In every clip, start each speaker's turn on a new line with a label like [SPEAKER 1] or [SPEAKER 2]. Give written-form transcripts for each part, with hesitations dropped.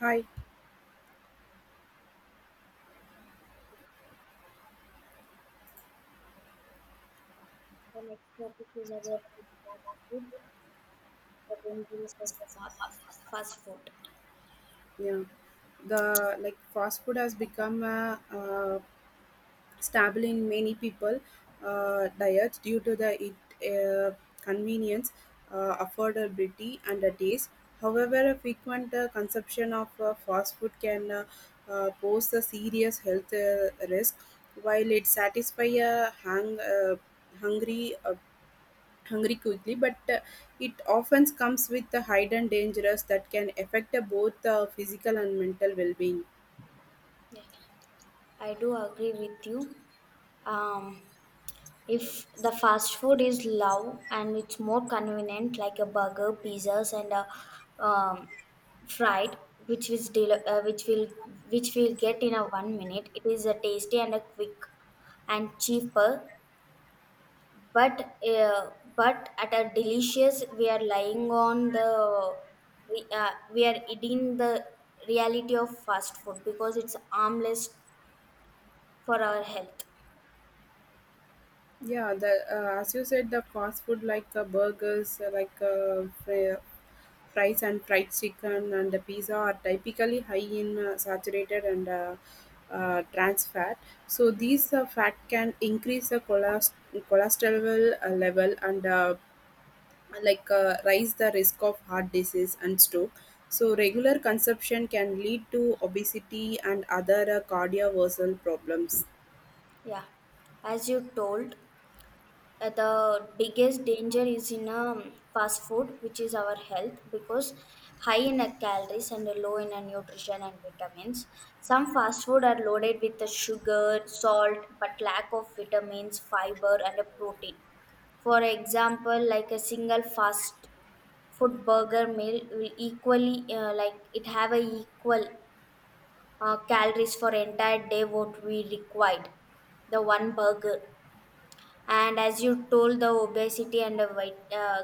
[SPEAKER 1] Hi.
[SPEAKER 2] The next topic is about the fast food, the dangers of fast
[SPEAKER 1] Yeah. The fast food has become a staple in many people diets due to the it uh, convenience, affordability, and the taste. However, a frequent consumption of fast food can pose a serious health risk. While it satisfies a hang, hungry hungry quickly, but it often comes with the hidden dangers that can affect both physical and mental well-being.
[SPEAKER 2] food. I do agree with you. Um, if the fast food is low and it's more convenient, like a burger, pizzas, and a um, fried, which which will get in a 1 minute. It is a tasty and a quick and cheaper but uh, but at a delicious we are lying on the we are eating the reality of fast food because it's harmless for our health.
[SPEAKER 1] Yeah, the as you said, the fast food like burgers, fries and fried chicken and the pizza are typically high in saturated and trans fat. So these fat can increase the cholesterol level and rise the risk of heart disease and stroke. So regular consumption can lead to obesity and other cardiovascular problems.
[SPEAKER 2] Yeah, as you told, the biggest danger is in fast food, which is our health, because high in calories and low in nutrition and vitamins. Some fast food are loaded with the sugar salt but lack of vitamins, fiber, and protein. For example, like a single fast food burger meal will equally it have a equal calories for entire day what we required, the one burger. And as you told, the obesity and the weight,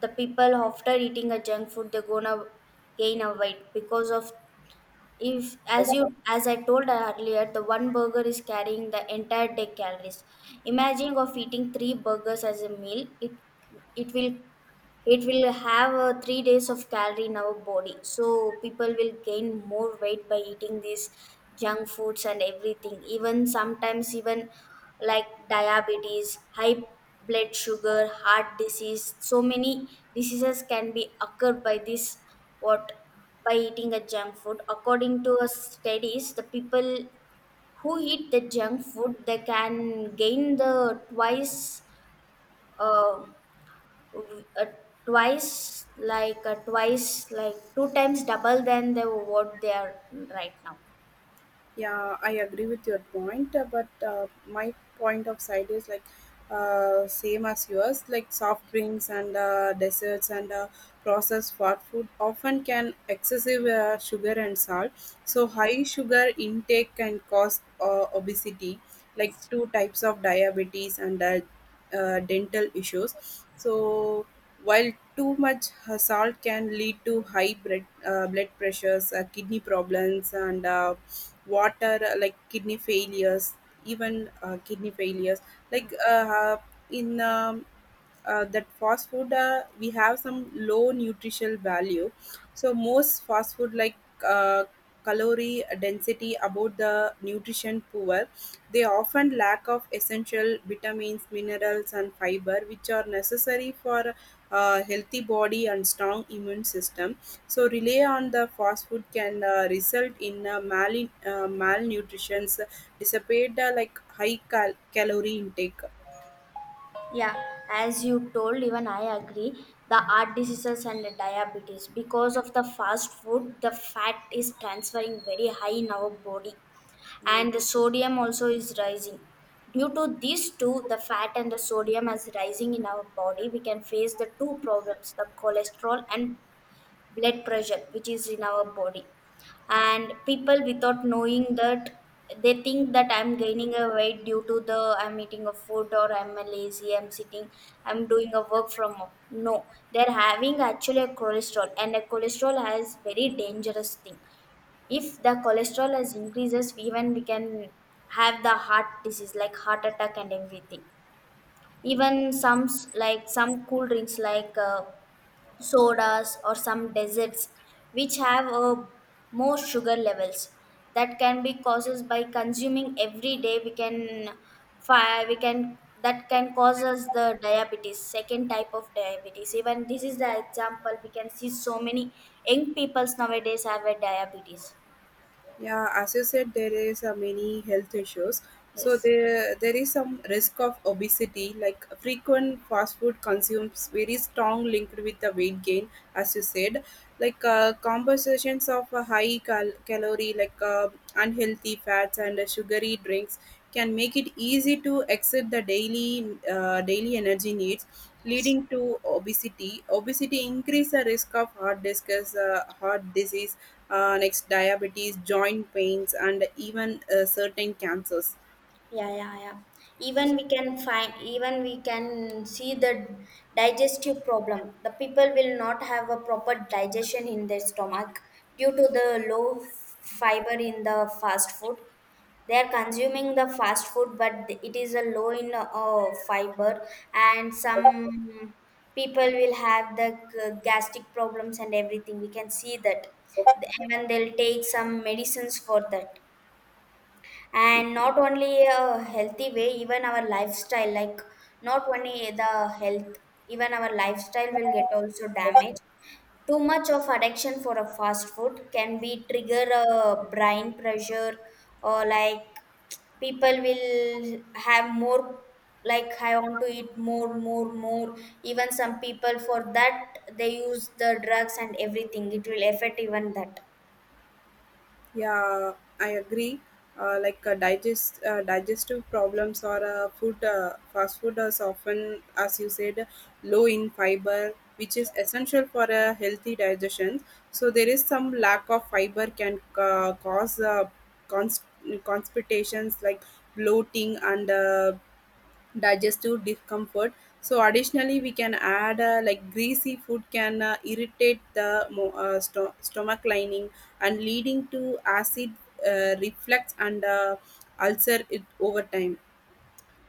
[SPEAKER 2] the people after eating a junk food they're gonna gain a weight because of, if as you, as I told earlier, the one burger is carrying the entire day calories. Imagine of eating three burgers as a meal, it will it will have 3 days of calorie in our body. So people will gain more weight by eating these junk foods and everything. Even sometimes, even like diabetes, high blood sugar, heart disease. So many diseases can be occurred by this, what by eating a junk food. According to studies, the people who eat the junk food they can gain the twice. Uh, uh, twice like twice, like two times double than the what they are right now.
[SPEAKER 1] Yeah, I agree with your point, but my point of side is like same as yours. Like soft drinks and desserts and processed fast food often can excessive sugar and salt. So high sugar intake can cause obesity, like two types of diabetes and dental issues. So while too much salt can lead to high blood pressures, kidney problems, and water, like kidney failures, even kidney failures, like uh, in that fast food, we have some low nutritional value. So most fast food, uh, calorie density about the nutrition poor, they often lack of essential vitamins, minerals, and fiber, which are necessary for healthy body and strong immune system. So rely on the fast food can result in malnutrition, dissipate like calorie intake.
[SPEAKER 2] Yeah, as you told, even I agree the heart diseases and the diabetes, because of the fast food the fat is transferring very high in our body,
[SPEAKER 1] Yeah.
[SPEAKER 2] and the sodium also is rising. Due to these two, the fat and the sodium as rising in our body, we can face the two problems, the cholesterol and blood pressure which is in our body. And people without knowing that, they think that I'm gaining a weight due to the I'm eating a food, or I'm lazy, I'm sitting, I'm doing a work from home. No, they're having actually a cholesterol, and a cholesterol has very dangerous thing. If the cholesterol has increases, even we can have the heart disease, like heart attack and everything. Even like some cool drinks like sodas or some desserts which have more sugar levels, that can be causes by consuming every day. We can, that can cause us the diabetes, second type of diabetes. Even this is the example, we can see so many young peoples nowadays have a diabetes.
[SPEAKER 1] Yeah, as you said, there is many health issues. So
[SPEAKER 2] Yes.
[SPEAKER 1] there is some risk of obesity. Like frequent fast food consumes very strong linked with the weight gain, as you said. Like compositions of a calorie, unhealthy fats and sugary drinks can make it easy to exceed the daily energy needs, leading to obesity. Obesity increase the risk of heart disease, heart disease, next diabetes, joint pains, and even certain cancers.
[SPEAKER 2] Yeah, yeah, yeah. Even we can find, even we can see the digestive problem. The people will not have a proper digestion in their stomach due to the low fiber in the fast food. They are consuming the fast food, but it is a low in fiber, and some people will have the gastric problems and everything. We can see that, and they'll take some medicines for that. And not only a healthy way, even our lifestyle, like not only the health, even our lifestyle will get also damaged. Too much of addiction for a fast food can be trigger a brain pressure, or like people will have more, like I want to eat more more. Even some people for that they use the drugs and everything, it will affect even that.
[SPEAKER 1] Yeah, I agree. Digestive problems or food fast food is often, as you said, low in fiber, which is essential for a healthy digestion. So there is some lack of fiber can cause const- constipations like bloating and digestive discomfort. So additionally, we can add like greasy food can irritate the stomach lining and leading to acid reflux and ulcer it over time.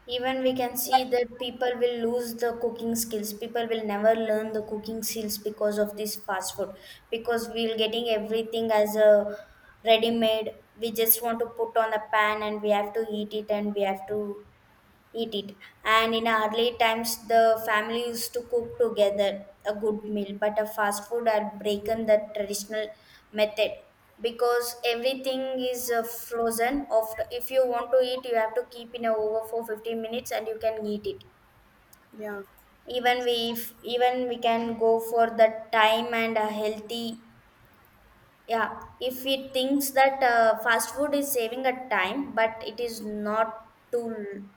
[SPEAKER 2] Even we can see that people will lose the cooking skills. People will never learn the cooking skills because of this fast food. Because we're getting everything as a ready made. We just want to put on a pan and we have to eat it, and we have to eat it. And in early times, the family used to cook together a good meal, but a fast food had broken the traditional method because everything is frozen. Of if you want to eat, you have to keep in a over for 15 minutes, and you can eat it.
[SPEAKER 1] Yeah.
[SPEAKER 2] Even we if even we can go for the time and a healthy. Yeah, if it thinks that fast food is saving a time, but it is not too,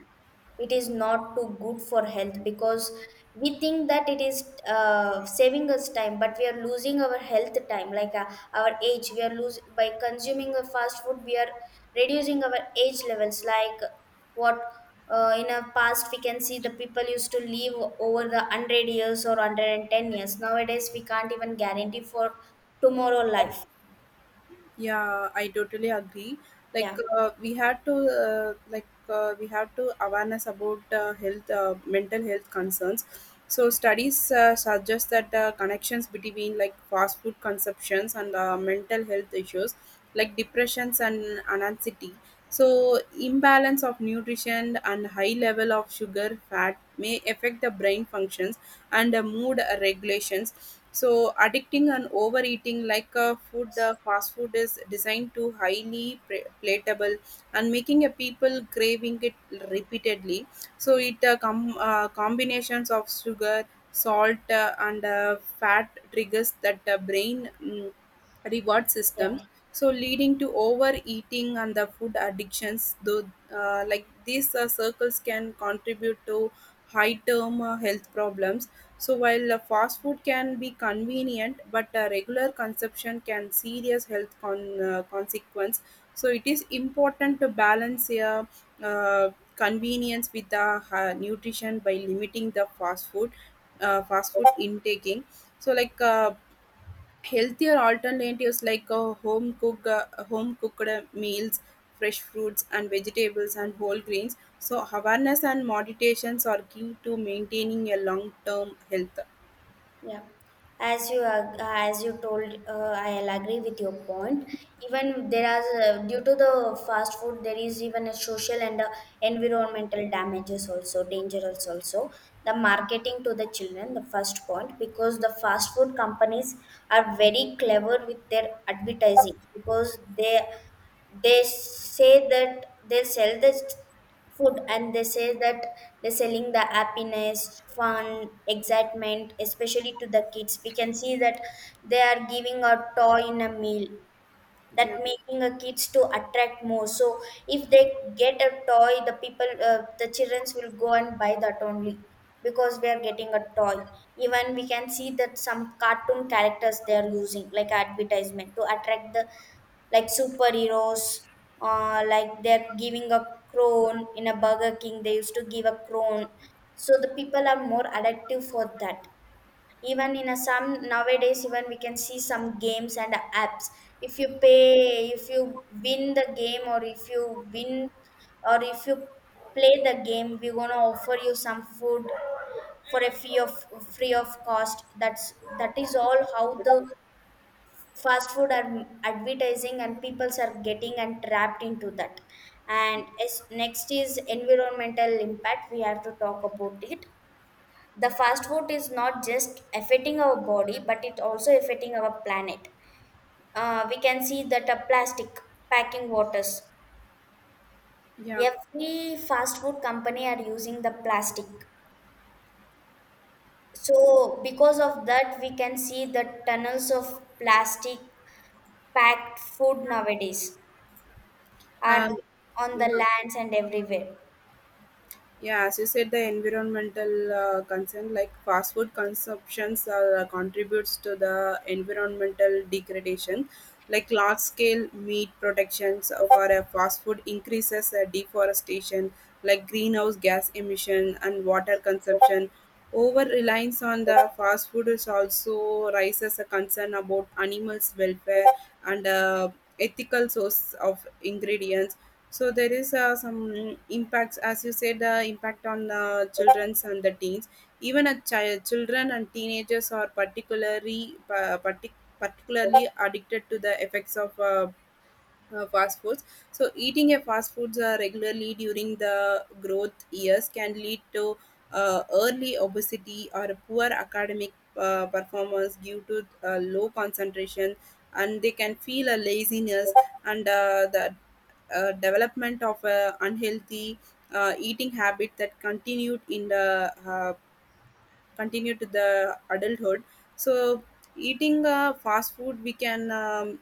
[SPEAKER 2] it is not too good for health, because we think that it is saving us time, but we are losing our health time, like our age we are losing. By consuming a fast food we are reducing our age levels, like what in our past we can see the people used to live over the 100 years or 110 years. Nowadays we can't even guarantee for tomorrow life.
[SPEAKER 1] Yeah, I totally agree.
[SPEAKER 2] Yeah.
[SPEAKER 1] We have to awareness about health, mental health concerns. So studies suggest that connections between like fast food consumptions and mental health issues like depressions and anxiety. So imbalance of nutrition and high level of sugar fat may affect the brain functions and the mood regulations. So addicting and overeating, like food fast food is designed to highly platable and making a people craving it repeatedly. So it combinations of sugar, salt, and fat triggers that brain reward
[SPEAKER 2] Yeah.
[SPEAKER 1] system, so leading to overeating and the food addictions. Though like these circles can contribute to high term health problems. So while fast food can be convenient, but regular consumption can serious health consequence. So it is important to balance uh, convenience with the nutrition by limiting the fast food, fast food intaking. so like uh, Healthier alternatives like home cooked meals, fresh fruits and vegetables, and whole grains. So awareness and meditations are key to maintaining a long term health.
[SPEAKER 2] Yeah, as you told, I'll agree with your point. Even there are, due to the fast food, there is even a social and environmental damages also, dangerous also. The marketing to the children, the first point, because the fast food companies are very clever with their advertising, because they say that they sell this food, and they say that they're selling the happiness, fun, excitement, especially to the kids. We can see that they are giving a toy in a meal, that
[SPEAKER 1] Yeah,
[SPEAKER 2] making a kids to attract more. So if they get a toy, the childrens will go and buy that only, because we are getting a toy. Even we can see that some cartoon characters they are using like advertisement to attract the, like superheroes, like they're giving a crone in a Burger King, they used to give a crone, so the people are more addictive for that. Even in a some nowadays, even we can see some games and apps. If you pay, if you win the game, or if you win, or if you play the game, we're gonna offer you some food for a fee of free of cost. That is all how the fast food are advertising and peoples are getting and trapped into that. And as next is environmental impact, we have to talk about it. The fast food is not just affecting our body but it also affecting our planet. We can see that a plastic packing waters,
[SPEAKER 1] yeah.
[SPEAKER 2] every fast food company are using the plastic. So because of that we can see the tunnels of plastic packed food nowadays are
[SPEAKER 1] Um,
[SPEAKER 2] on
[SPEAKER 1] yeah.
[SPEAKER 2] the lands and everywhere.
[SPEAKER 1] Yeah, as you said, the environmental concern, like fast food consumptions contributes to the environmental degradation. Like large scale meat protections for a fast food increases deforestation, like greenhouse gas emission and water consumption. Over reliance on the fast food is also raises a concern about animals' welfare and ethical source of ingredients. So there is some impacts, as you said, impact on the childrens and the teens. Even a child, children and teenagers are particularly particularly addicted to the effects of fast foods. So eating a fast foods regularly during the growth years can lead to early obesity or poor academic performance due to low concentration, and they can feel a laziness and the development of unhealthy eating habit that continued to the adulthood. So eating fast food,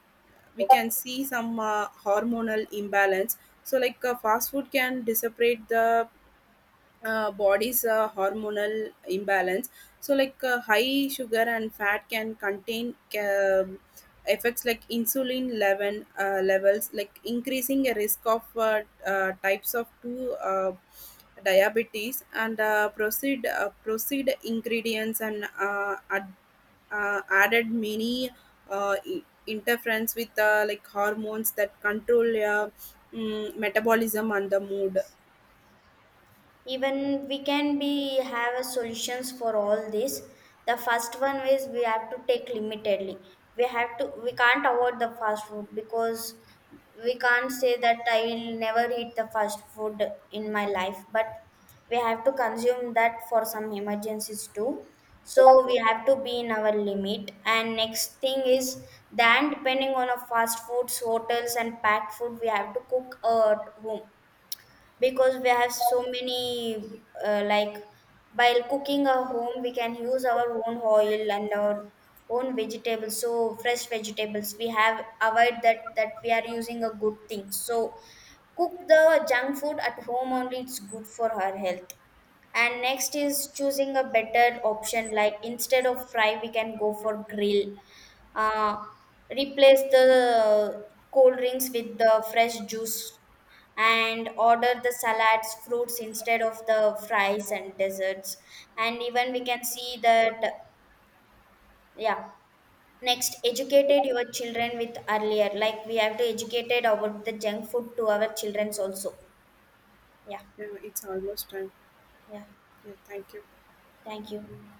[SPEAKER 1] we can see some hormonal imbalance. So like fast food can dissipate the body's hormonal imbalance. So like high sugar and fat can contain effects like insulin levels, like increasing a risk of types of two diabetes and proceed ingredients and added many interference with like hormones that control metabolism and the mood.
[SPEAKER 2] Even we can be have a solutions for all this. The first one is we have to take limitedly, we have to, we can't avoid the fast food, because we can't say that I will never eat the fast food in my life, but we have to consume that for some emergencies too. So we have to be in our limit. And next thing is, then depending on a fast foods hotels and packed food, we have to cook at home, because we have so many while cooking at home we can use our own oil and our own vegetables, so fresh vegetables, we have avoid that, that we are using a good thing. So cook the junk food at home only, it's good for our health. And next is choosing a better option, like instead of fry we can go for grill. uh, replace the cold drinks with the fresh juice, and order the salads fruits instead of the fries and desserts. And even we can see that. Yeah. Next educated your children with earlier, like we have to educated about the junk food to our childrens also. Yeah.
[SPEAKER 1] Yeah, it's almost time.
[SPEAKER 2] Yeah,
[SPEAKER 1] Yeah, thank you.
[SPEAKER 2] thank you.